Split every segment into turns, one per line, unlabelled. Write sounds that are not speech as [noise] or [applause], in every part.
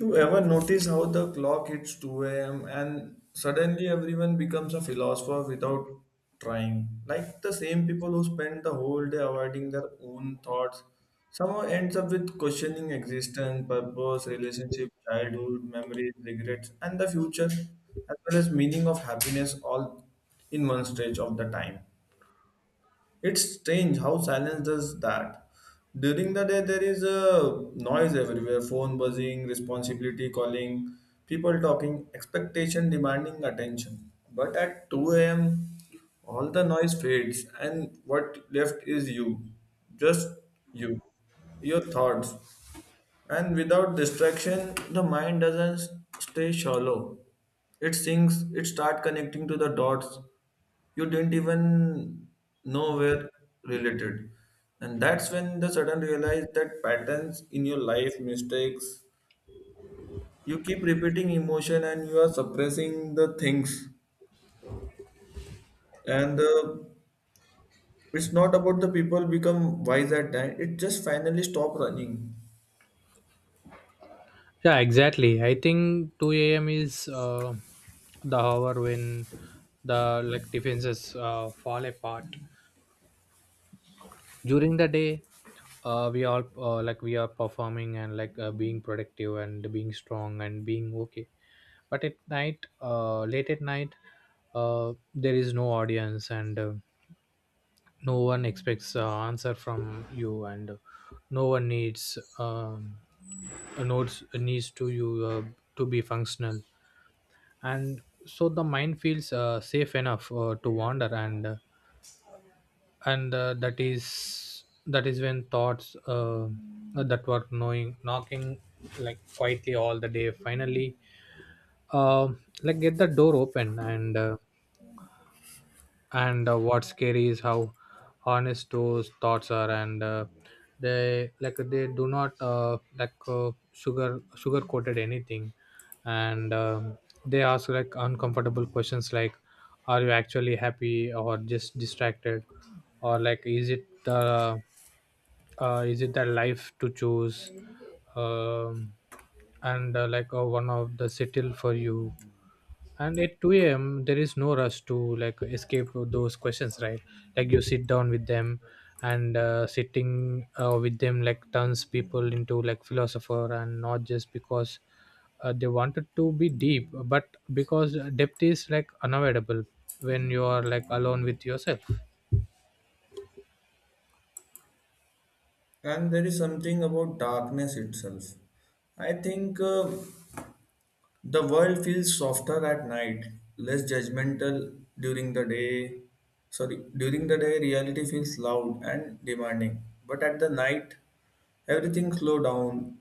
You ever notice how the clock hits 2 a.m. and suddenly everyone becomes a philosopher without trying? Like the same people who spend the whole day avoiding their own thoughts, somehow ends up with questioning existence, purpose, relationship, childhood, memories, regrets, and the future, as well as meaning of happiness all in one stage of the time. It's strange how silence does that. During the day, there is a noise everywhere, phone buzzing, responsibility calling, people talking, expectation demanding attention. But at 2 a.m., all the noise fades, and what left is you, just you, your thoughts. And without distraction, the mind doesn't stay shallow. It sinks, it starts connecting to the dots you didn't even know were related. And that's when the sudden realize that patterns in your life, mistakes, you keep repeating emotion and you are suppressing the things. And it's not about the people become wise at time. It just finally stop running.
Yeah, exactly. I think 2 a.m. is the hour when the like defenses fall apart. During the day, we all like we are performing and like being productive and being strong and being okay. But at night, late at night, there is no audience and no one expects answer from you and no one needs notes needs to you to be functional and so the mind feels safe enough to wander and that is when thoughts that were knowing knocking like quietly all the day finally like get the door open and what's scary is how honest those thoughts are and they like they do not like sugar coated anything and they ask like uncomfortable questions like are you actually happy or just distracted or like is it the life to choose um, and like one of the settle for you and at 2 a.m there is no rush to like escape those questions, right? Like you sit down with them and sitting with them like turns people into like philosopher and not just because they wanted to be deep but because depth is like unavoidable when you are like alone with yourself.
And there is something about darkness itself. I think the world feels softer at night, less judgmental during the day. Sorry, during the day, reality feels loud and demanding. But at the night, everything slow down.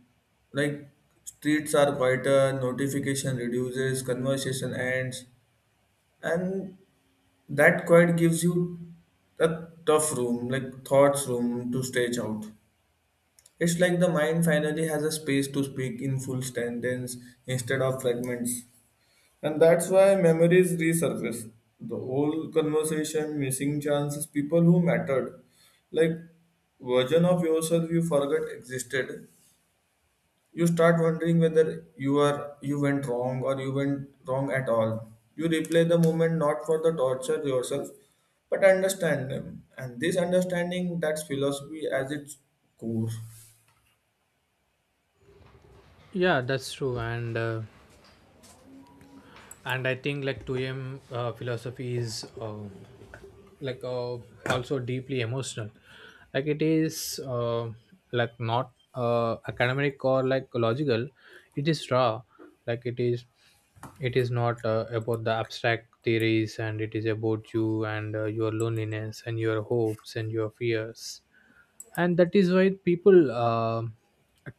Like, streets are quieter, notification reduces, conversation ends, and that quiet gives you a tough room, like thoughts room to stretch out. It's like the mind finally has a space to speak in full sentence instead of fragments. And that's why memories resurface. The old conversation, missing chances, people who mattered, like version of yourself you forgot existed. You start wondering whether you went wrong or you went wrong at all. You replay the moment not for the torture yourself, but understand them. And this understanding, that's philosophy as its core.
Yeah, that's true, and I think like 2m philosophy is like also deeply emotional. Like it is like not academic or like logical, it is raw. Like it is not about the abstract theories, and it is about you and your loneliness and your hopes and your fears. And that is why people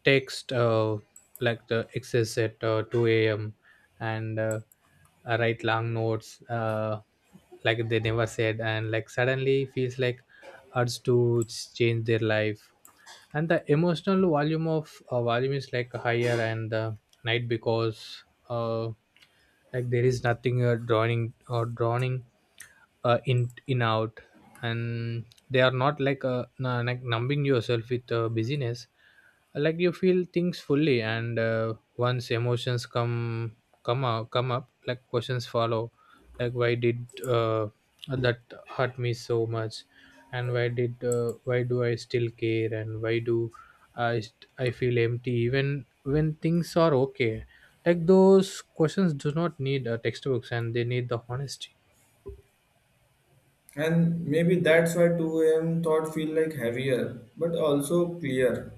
text like the excess at 2 a.m and write long notes like they never said and like suddenly feels like urge to change their life. And the emotional volume of volume is like higher and the night because like there is nothing drawing or drawing in out, and they are not like like numbing yourself with busyness. Like you feel things fully and once emotions come up, like questions follow. Like why did that hurt me so much? And why did why do I still care? And why do I feel empty even when things are okay? Like those questions do not need textbooks, and they need the honesty.
And maybe that's why 2 a.m. thought feel like heavier, but also clear.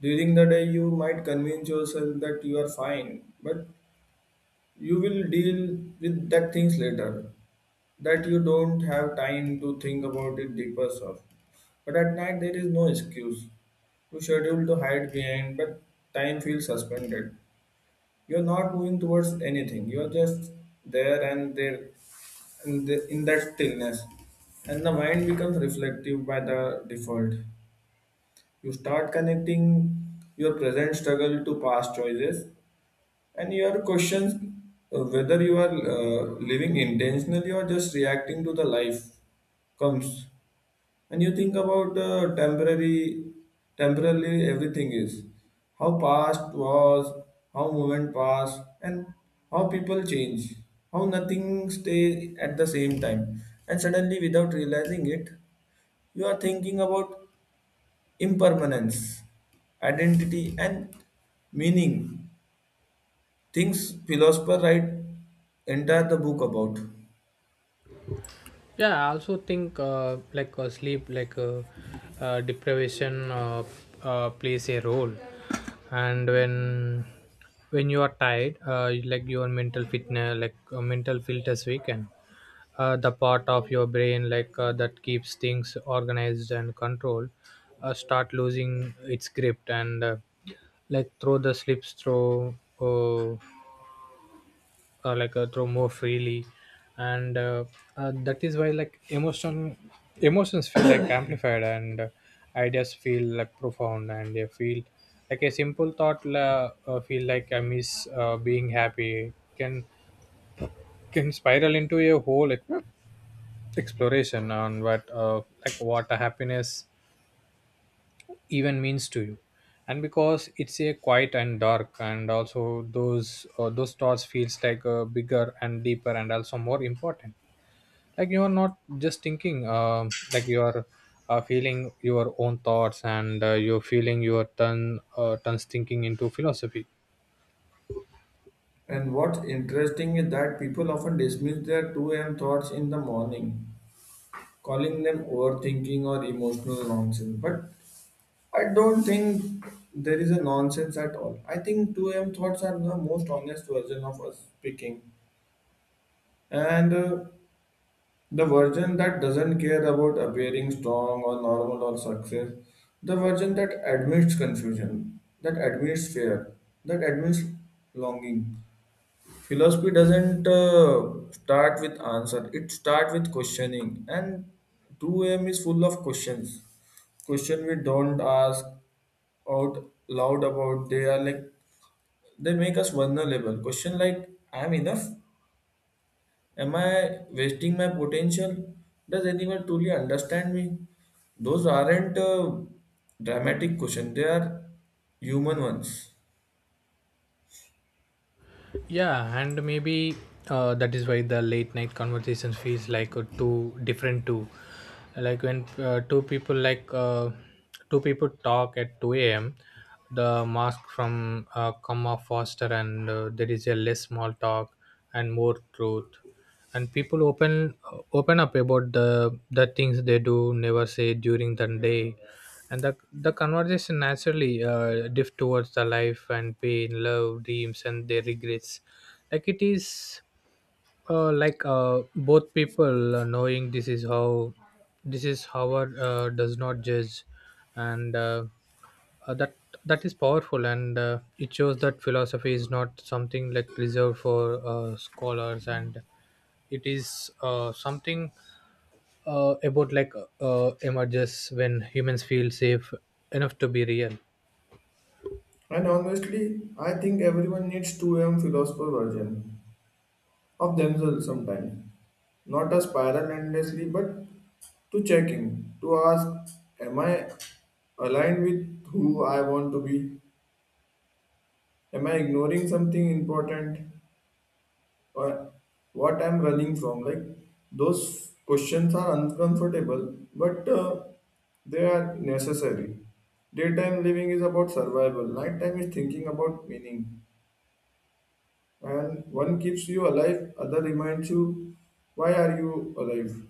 During the day, you might convince yourself that you are fine, but you will deal with that things later. That you don't have time to think about it deeper stuff. But at night, there is no excuse. You schedule to hide behind, but time feels suspended. You're not moving towards anything. You're just there, and there in that stillness. And the mind becomes reflective by the default. You start connecting your present struggle to past choices, and your questions whether you are living intentionally or just reacting to the life comes. And you think about temporarily everything is, how past was, how moment passed, and how people change, how nothing stay at the same time, and suddenly without realizing it, you are thinking about impermanence, identity, and meaning. Things philosopher write entire the book about.
Yeah, I also think like sleep like deprivation plays a role. And when you are tired like your mental fitness like mental filters weaken. The part of your brain like that keeps things organized and controlled start losing its grip and like throw the slips throw uh, like throw more freely, and that is why like emotion emotions feel like [coughs] amplified, and ideas feel like profound, and they feel like a simple thought la, feel like I miss being happy, can spiral into a whole like exploration on what like what a happiness even means to you. And because it's a quiet and dark, and also those thoughts feels like bigger and deeper and also more important. Like you are not just thinking, like you are feeling your own thoughts and you're feeling your turn turns thinking into philosophy.
And what's interesting is that people often dismiss their 2 a.m. thoughts in the morning, calling them overthinking or emotional nonsense. But I don't think there is a nonsense at all. I think 2 a.m. thoughts are the most honest version of us speaking. And the version that doesn't care about appearing strong or normal or success, the version that admits confusion, that admits fear, that admits longing. Philosophy doesn't start with answer, it starts with questioning, and 2 a.m. is full of questions, question we don't ask out loud about. They are like, they make us vulnerable. Question like, I am enough? Am I wasting my potential? Does anyone truly understand me? Those aren't dramatic questions, they are human ones.
Yeah, and maybe that is why the late night conversation feels like two different two. Like when two people like two people talk at two a.m., the mask from come off faster, and there is a less small talk and more truth. And people open up about the things they do never say during the day, and the conversation naturally drift towards the life and pain, love, dreams, and their regrets. Like it is like both people knowing this is how our does not judge, and uh, that that is powerful, and it shows that philosophy is not something like reserved for scholars, and it is something about like emerges when humans feel safe enough to be real.
And honestly, I think everyone needs 2M philosopher version of themselves sometimes. Not a spiral endlessly, but to check in, to ask, am I aligned with who I want to be? Am I ignoring something important? Or what I'm running from? Like, those questions are uncomfortable, but they are necessary. Daytime living is about survival, nighttime is thinking about meaning. And one keeps you alive, other reminds you why are you alive.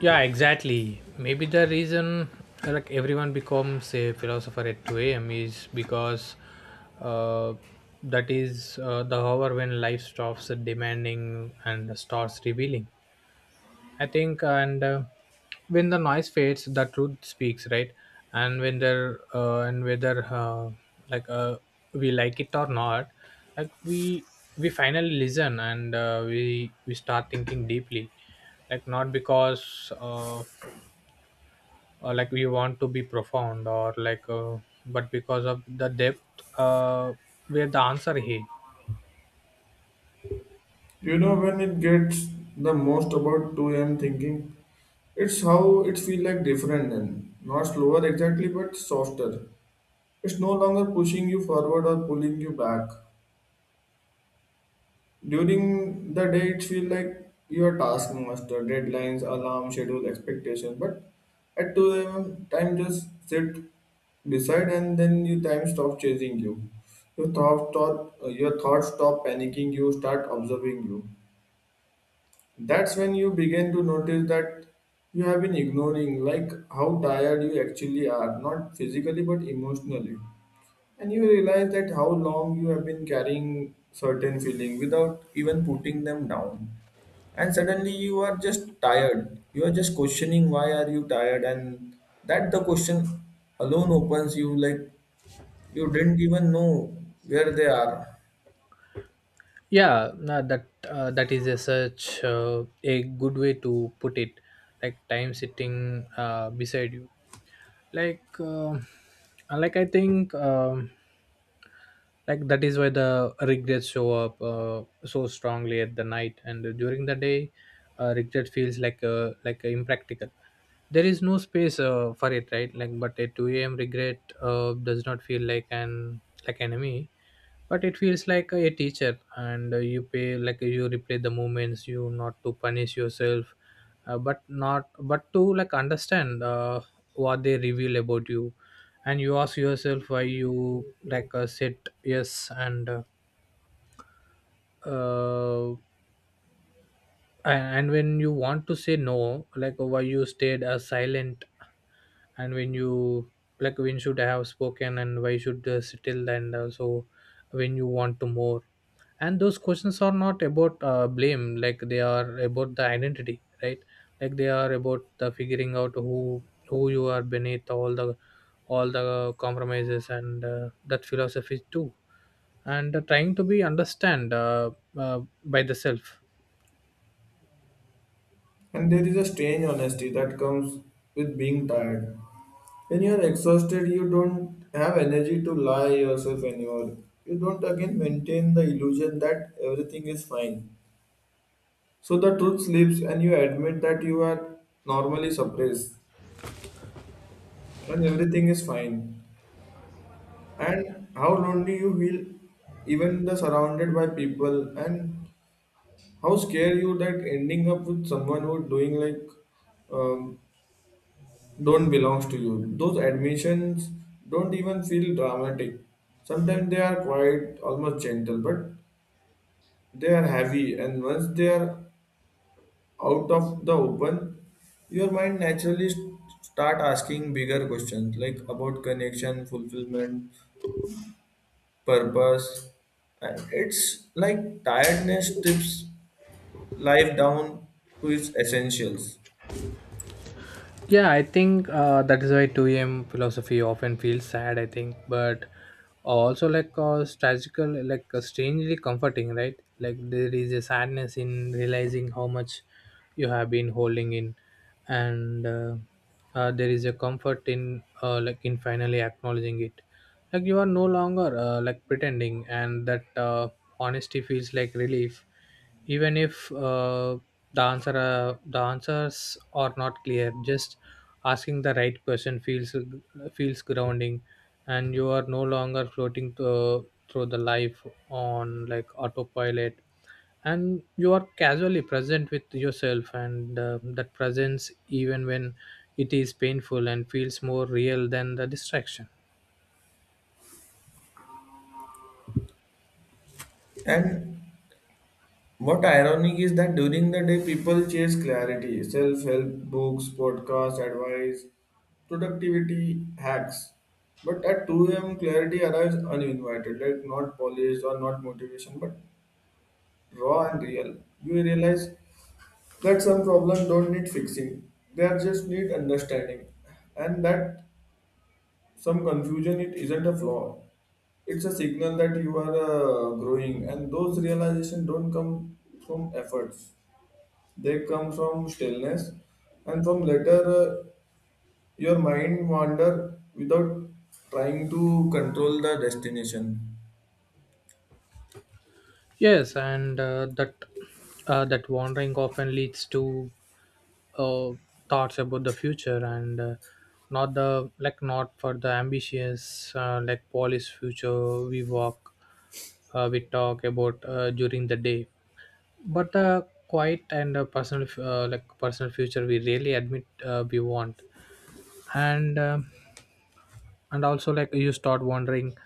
Yeah, exactly. Maybe the reason like everyone becomes a philosopher at 2 a.m. is because uh, that is the hour when life stops demanding and starts revealing. I think, and when the noise fades, the truth speaks, right? And when there and whether like we like it or not, like we finally listen, and we start thinking deeply, like not because like we want to be profound or like but because of the depth uh, where the answer he.
You know when it gets the most about 2 a.m. thinking, it's how it feel like different then. Not slower exactly, but softer. It's no longer pushing you forward or pulling you back. During the day it feel like your taskmaster, deadlines, alarm, schedule, expectation. But at 2 a.m. time just sit beside, and then your time stop chasing you. Your thoughts stop panicking you, start observing you. That's when you begin to notice that you have been ignoring, like how tired you actually are, not physically but emotionally. And you realize that how long you have been carrying certain feeling without even putting them down. And suddenly you are just tired. You are just questioning why are you tired, and that the question alone opens you, like you didn't even know where they are.
Yeah, no, that that is a such a good way to put it, like time sitting beside you, like uh, like I think, like that is why the regrets show up so strongly at the night. And during the day regret feels like impractical, there is no space for it, right? Like but at 2 a.m regret does not feel like an like enemy, but it feels like a teacher. And you pay like you replay the moments, you not to punish yourself, but not but to like understand what they reveal about you. And you ask yourself why you like said yes, uh, and when you want to say no, like why you stayed silent, and when you like when should I have spoken, and why should still, and also when you want to more. And those questions are not about blame, like they are about the identity, right? Like they are about the figuring out who you are beneath all the compromises, and that philosophy too, and trying to be understand by the self.
And there is a strange honesty that comes with being tired. When you are exhausted, you don't have energy to lie yourself anymore. You don't again maintain the illusion that everything is fine. So the truth slips, and you admit that you are normally suppressed when everything is fine. And how lonely you feel, even the surrounded by people, and how scared you that ending up with someone who doing like, um, don't belongs to you. Those admissions don't even feel dramatic. Sometimes they are quite almost gentle, but they are heavy. And once they are out of the open, your mind naturally start asking bigger questions like about connection, fulfillment, purpose. And it's like tiredness strips life down to its essentials.
Yeah, I think that is why 2 a.m. philosophy often feels sad, I think, but also like strategical, like strangely comforting, right? Like there is a sadness in realizing how much you have been holding in, and there is a comfort in like in finally acknowledging it. Like you are no longer like pretending, and that honesty feels like relief, even if the answer the answers are not clear. Just asking the right person feels grounding, and you are no longer floating to, through the life on like autopilot, and you are casually present with yourself, and that presence, even when it is painful, and feels more real than the distraction.
And what ironic is that during the day people chase clarity, self-help books, podcasts, advice, productivity hacks. But at 2 a.m. clarity arrives uninvited, like not polished or not motivation, but raw and real. You realize that some problems don't need fixing. They are just need understanding. And that some confusion, it isn't a flaw. It's a signal that you are growing, and those realizations don't come from efforts. They come from stillness and from later, your mind wander without trying to control the destination.
Yes, and that that wandering often leads to uh, thoughts about the future, and not the like not for the ambitious like Paul's future we walk we talk about during the day, but the quiet and personal like personal future we really admit we want. And and also like you start wondering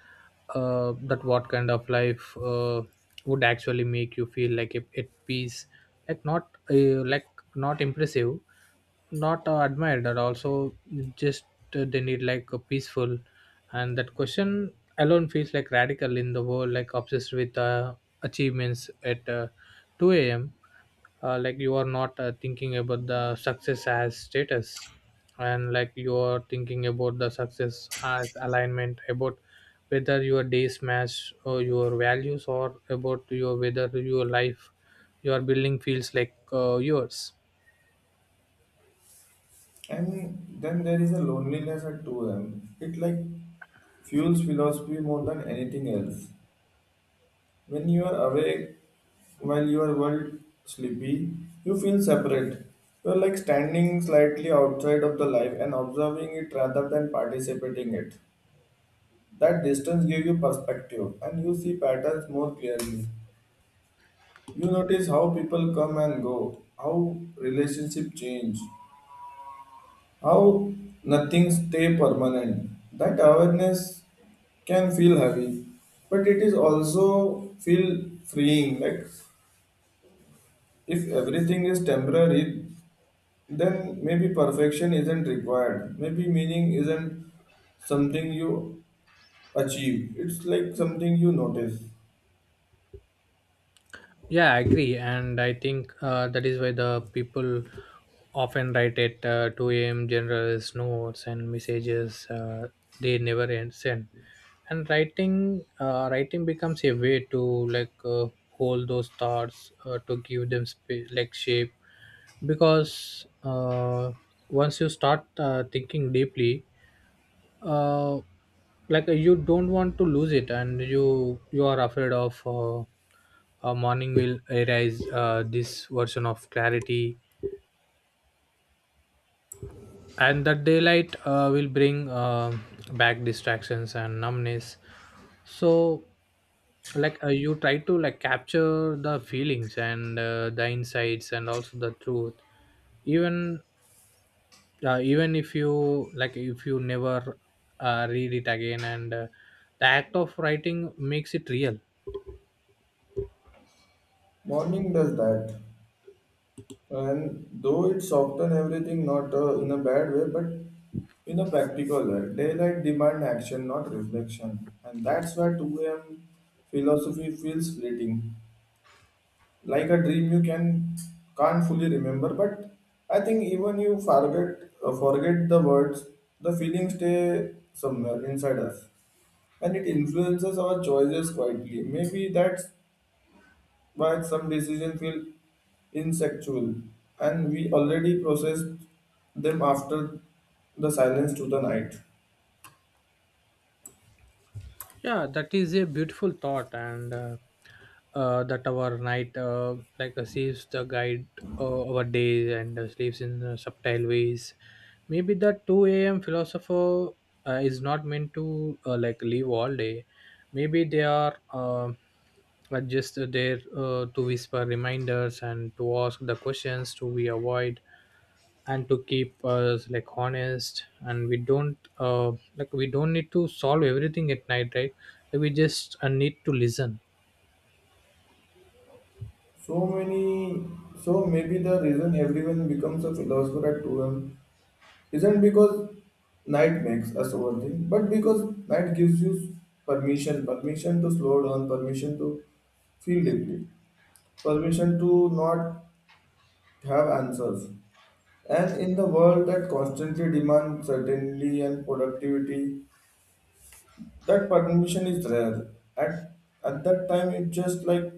that what kind of life would actually make you feel like it at peace, like not impressive, not admired, and also just they need like a peaceful. And that question alone feels like radical in the world like obsessed with achievements at 2 a.m like you are not thinking about the success as status, and like you are thinking about the success as alignment about whether your days match or your values or about your whether your life you are building feels like yours.
And then there is a loneliness at 2 am. It like fuels philosophy more than anything else. When you are awake while your world sleepy, you feel separate. You are like standing slightly outside of the life and observing it rather than participating it. That distance gives you perspective, and you see patterns more clearly. You notice how people come and go, how relationship change, how nothing stay permanent. That awareness can feel heavy, but it is also feel freeing. Like, if everything is temporary, then maybe perfection isn't required. Maybe meaning isn't something you achieve. It's like something you notice.
Yeah, I agree, and I think that is why the people often write at 2 a.m. generals notes and messages they never send. And writing, writing becomes a way to like hold those thoughts to give them space, like shape, because once you start thinking deeply, uh, like you don't want to lose it, and you are afraid of. A morning will arise this version of clarity, and that daylight will bring back distractions and numbness. So like you try to like capture the feelings and the insights and also the truth, even even if you like if you never read it again. And the act of writing makes it real.
Morning does that. And though it soften everything, not in a bad way but in a practical way. Daylight demand action, not reflection, and that's why 2 a.m. philosophy feels fleeting, like a dream you can't fully remember. But I think even you forget the words, the feelings stay somewhere inside us, and it influences our choices quietly. Maybe that's, but some decisions feel insectual, and we already processed them after the silence to the night.
Yeah, that is a beautiful thought, and that our night like receives the guide our days and sleeps in subtle ways. Maybe that two a.m. philosopher is not meant to like live all day. Maybe they are just there to whisper reminders and to ask the questions to we avoid, and to keep us like honest, and we don't we don't need to solve everything at night, right? Like, we just need to listen.
So many, so maybe the reason everyone becomes a philosopher at 2 a.m. isn't because night makes us overthink, but because night gives you permission, permission to slow down, permission to feel deeply, permission to not have answers. And in the world that constantly demands certainty and productivity, that permission is rare. At at that time it's just like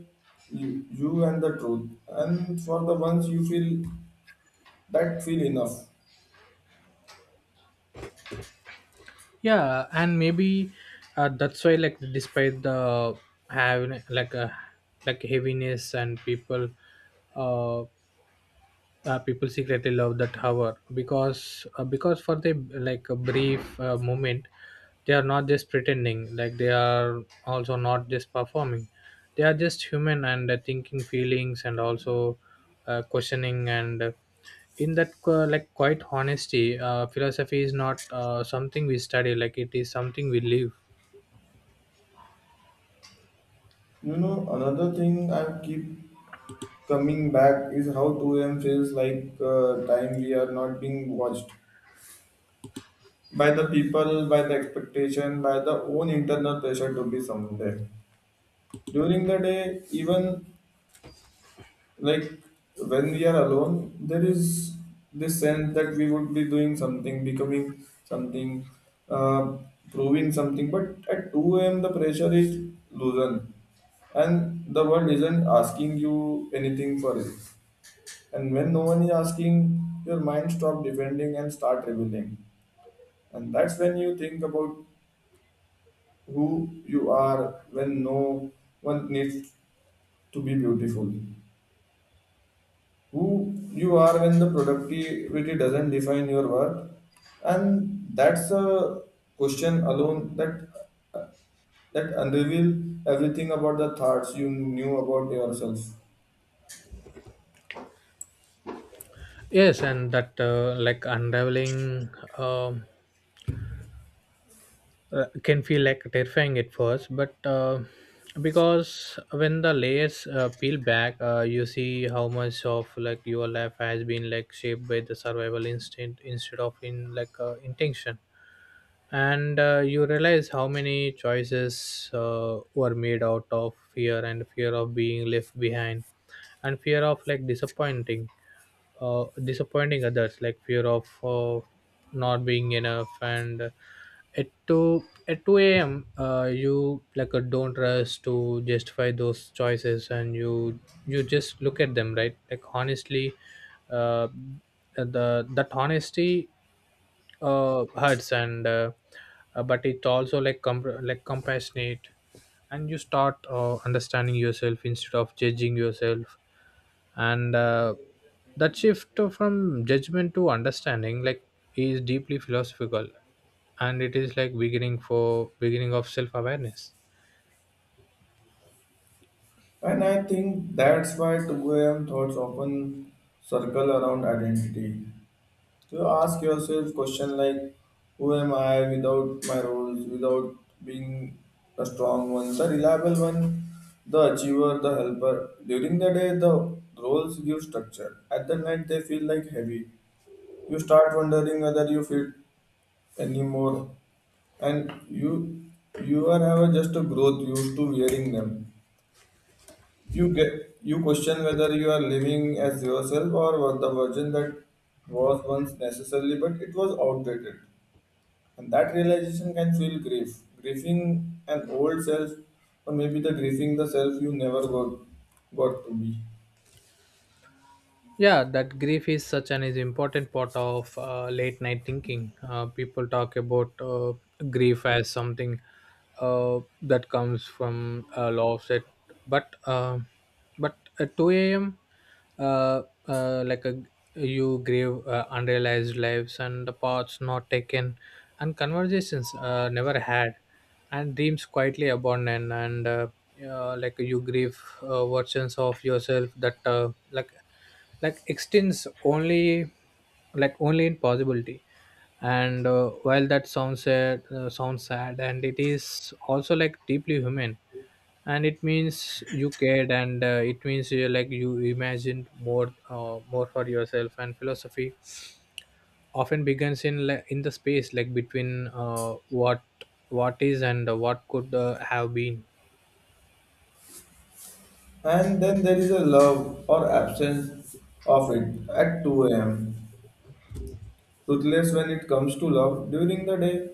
you and the truth, and for the ones you feel, that feel enough.
Yeah, and maybe that's why, like, despite the having like a like heaviness and people uh people secretly love that hour because for the like a brief moment, they are not just pretending, like they are also not just performing. They are just human and thinking feelings, and also questioning, and in that like quite honesty, philosophy is not something we study, like it is something we live.
You know, another thing I keep coming back is how 2 a.m. feels like, time we are not being watched, by the people, by the expectation, by the own internal pressure to be someone there during the day. Even like, when we are alone, there is this sense that we would be doing something, becoming something, uh, proving something. But at 2 a.m the pressure is loosened, and the world isn't asking you anything for it, and when no one is asking, your mind stop defending and start revealing. And that's when you think about who you are when no one needs to be beautiful, who you are when the productivity doesn't define your worth. And that's a question alone, that unreveal everything about the thoughts you knew about yourself.
Yes, and that like unraveling um can feel like terrifying at first, but because when the layers peel back, you see how much of like your life has been like shaped by the survival instinct instead of in like intention. And you realize how many choices were made out of fear, and fear of being left behind, and fear of like disappointing, disappointing others, like fear of not being enough. And at 2 a.m., you like don't rush to justify those choices, and you just look at them, right, like honestly. Uh, the that honesty hurts and but it's also like compassionate, and you start understanding yourself instead of judging yourself. And that shift from judgment to understanding, like, is deeply philosophical, and it is like beginning of self awareness.
And I think that's why 2 a.m. thoughts often circle around identity. You ask yourself question like, who am I without my roles, without being the strong one, the reliable one, the achiever, the helper. During the day, the roles give structure. At the night, they feel like heavy. You start wondering whether you fit anymore, and you are ever just a growth used to wearing them. You question whether you are living as yourself, or what the version that was once necessarily, but it was outdated. And that realization can feel grief, grieving an old self, or maybe the grieving the self you never got to be.
Yeah, that grief is such an is important part of late night thinking. People talk about grief as something that comes from a law of set, but uh, but at 2 a.m., uh, uh, like a, you grieve unrealized lives and the paths not taken, and conversations never had, and dreams quietly abandoned. And you grieve versions of yourself that like extends only, only in possibility. And while that sounds sad, sounds sad, and it is also like deeply human, and it means you cared, and it means you imagined more, more for yourself. And philosophy often begins in like in the space, like between what is and what could have been.
And then there is a love or absence of it at 2 a.m. Ruthless when it comes to love, during the day,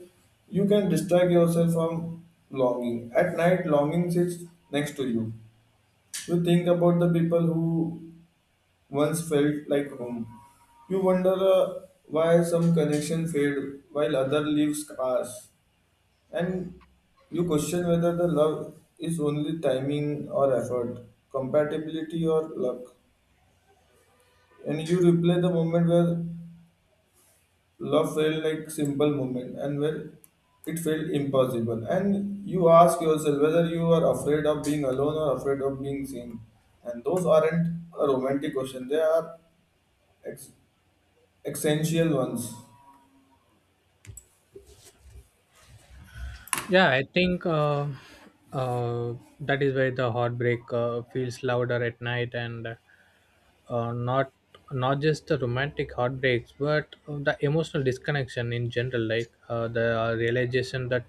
you can distract yourself from longing. At night, longing sits next to you. You think about the people who once felt like home. You wonder why some connections fade while other leaves pass. And you question whether the love is only timing or effort, compatibility or luck. And you replay the moment where love felt like simple moment, and where it felt impossible. And you ask yourself whether you are afraid of being alone or afraid of being seen. And those aren't a romantic question, they are ex- essential ones.
Yeah, I think uh, that is where the heartbreak feels louder at night, and uh, not not just the romantic heartbreaks, but the emotional disconnection in general. Like, the realization that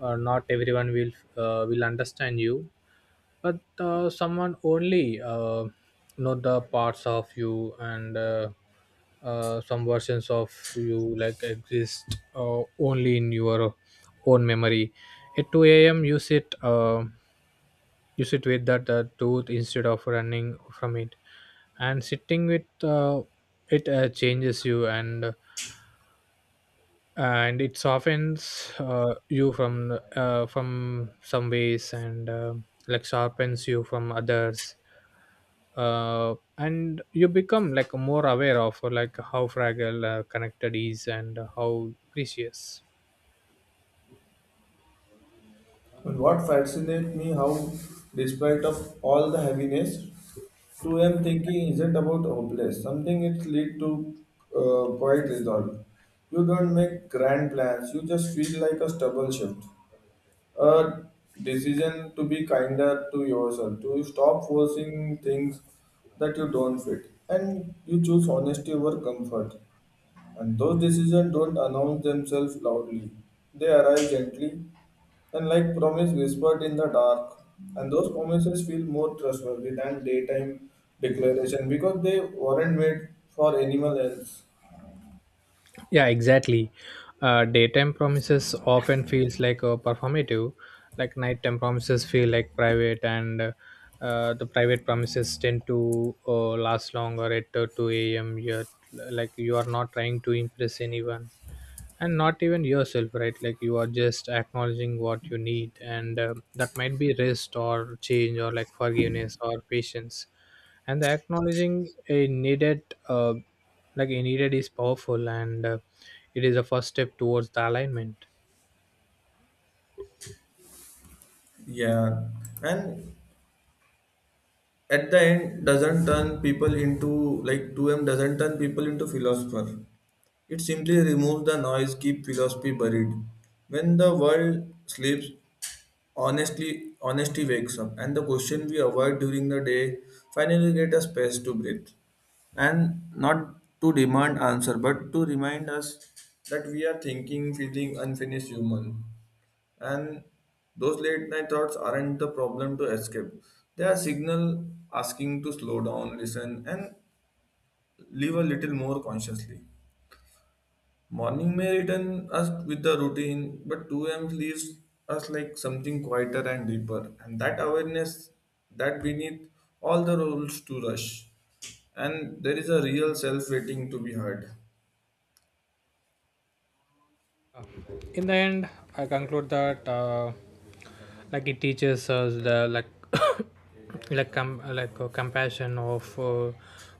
not everyone will understand you, but someone only know the parts of you. And some versions of you like exist only in your own memory. At 2 a.m., you sit with that tooth instead of running from it, and sitting with it changes you, and and it softens you from some ways, and like sharpens you from others. And you become like more aware of like how fragile connected is, and how precious.
And what fascinates me how, despite of all the heaviness, 2M thinking isn't about hopeless. Something it lead to quiet resolve. You don't make grand plans. You just feel like a stubble shift, a decision to be kinder to yourself, to stop forcing things that you don't fit, and you choose honesty over comfort. And those decisions don't announce themselves loudly. They arrive gently, and like promise whispered in the dark, and those promises feel more trustworthy than daytime declaration, because they weren't made for anyone else.
Yeah, exactly. Daytime promises often feels like a performative, like nighttime promises feel like private, and the private promises tend to last longer at 2 a.m. You're, like, you are not trying to impress anyone, and not even yourself, right? Like, you are just acknowledging what you need, and that might be rest or change or like forgiveness or patience. And the acknowledging a needed uh, like a needed is powerful, and it is a first step towards the alignment.
Yeah, and at the end doesn't turn people into, like, 2M doesn't turn people into philosopher. It simply removes the noise, keep philosophy buried. When the world sleeps, honestly, honesty wakes up, and the question we avoid during the day finally get a space to breathe, and not to demand answer, but to remind us that we are thinking, feeling unfinished human, and those late night thoughts aren't the problem to escape. They are signal asking to slow down, listen, and live a little more consciously. Morning may return us with the routine, but 2 a.m. leaves us like something quieter and deeper. And that awareness, that beneath all the rules to rush. And there is a real self waiting to be heard.
In the end, I conclude that like it teaches us the like [coughs] like compassion of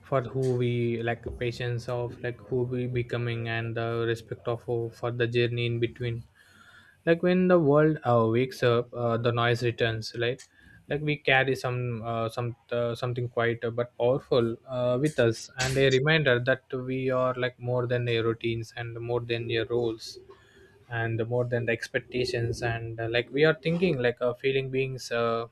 for who we, like patience of like who we becoming, and the respect of for the journey in between. Like, when the world wakes up, the noise returns, right? Like, we carry some something quite but powerful with us, and a reminder that we are like more than your routines, and more than your roles, and more than the expectations. And like we are thinking like a feeling beings,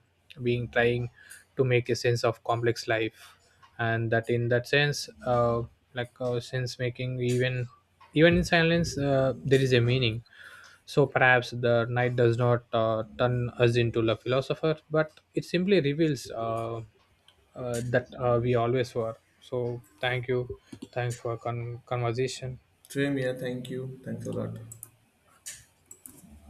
being trying to make a sense of complex life. And that in that sense, sense making, even, even in silence, there is a meaning. So perhaps the night does not turn us into a philosopher, but it simply reveals that we always were. So thank you for conversation.
Same here. Thank you. Thanks a lot.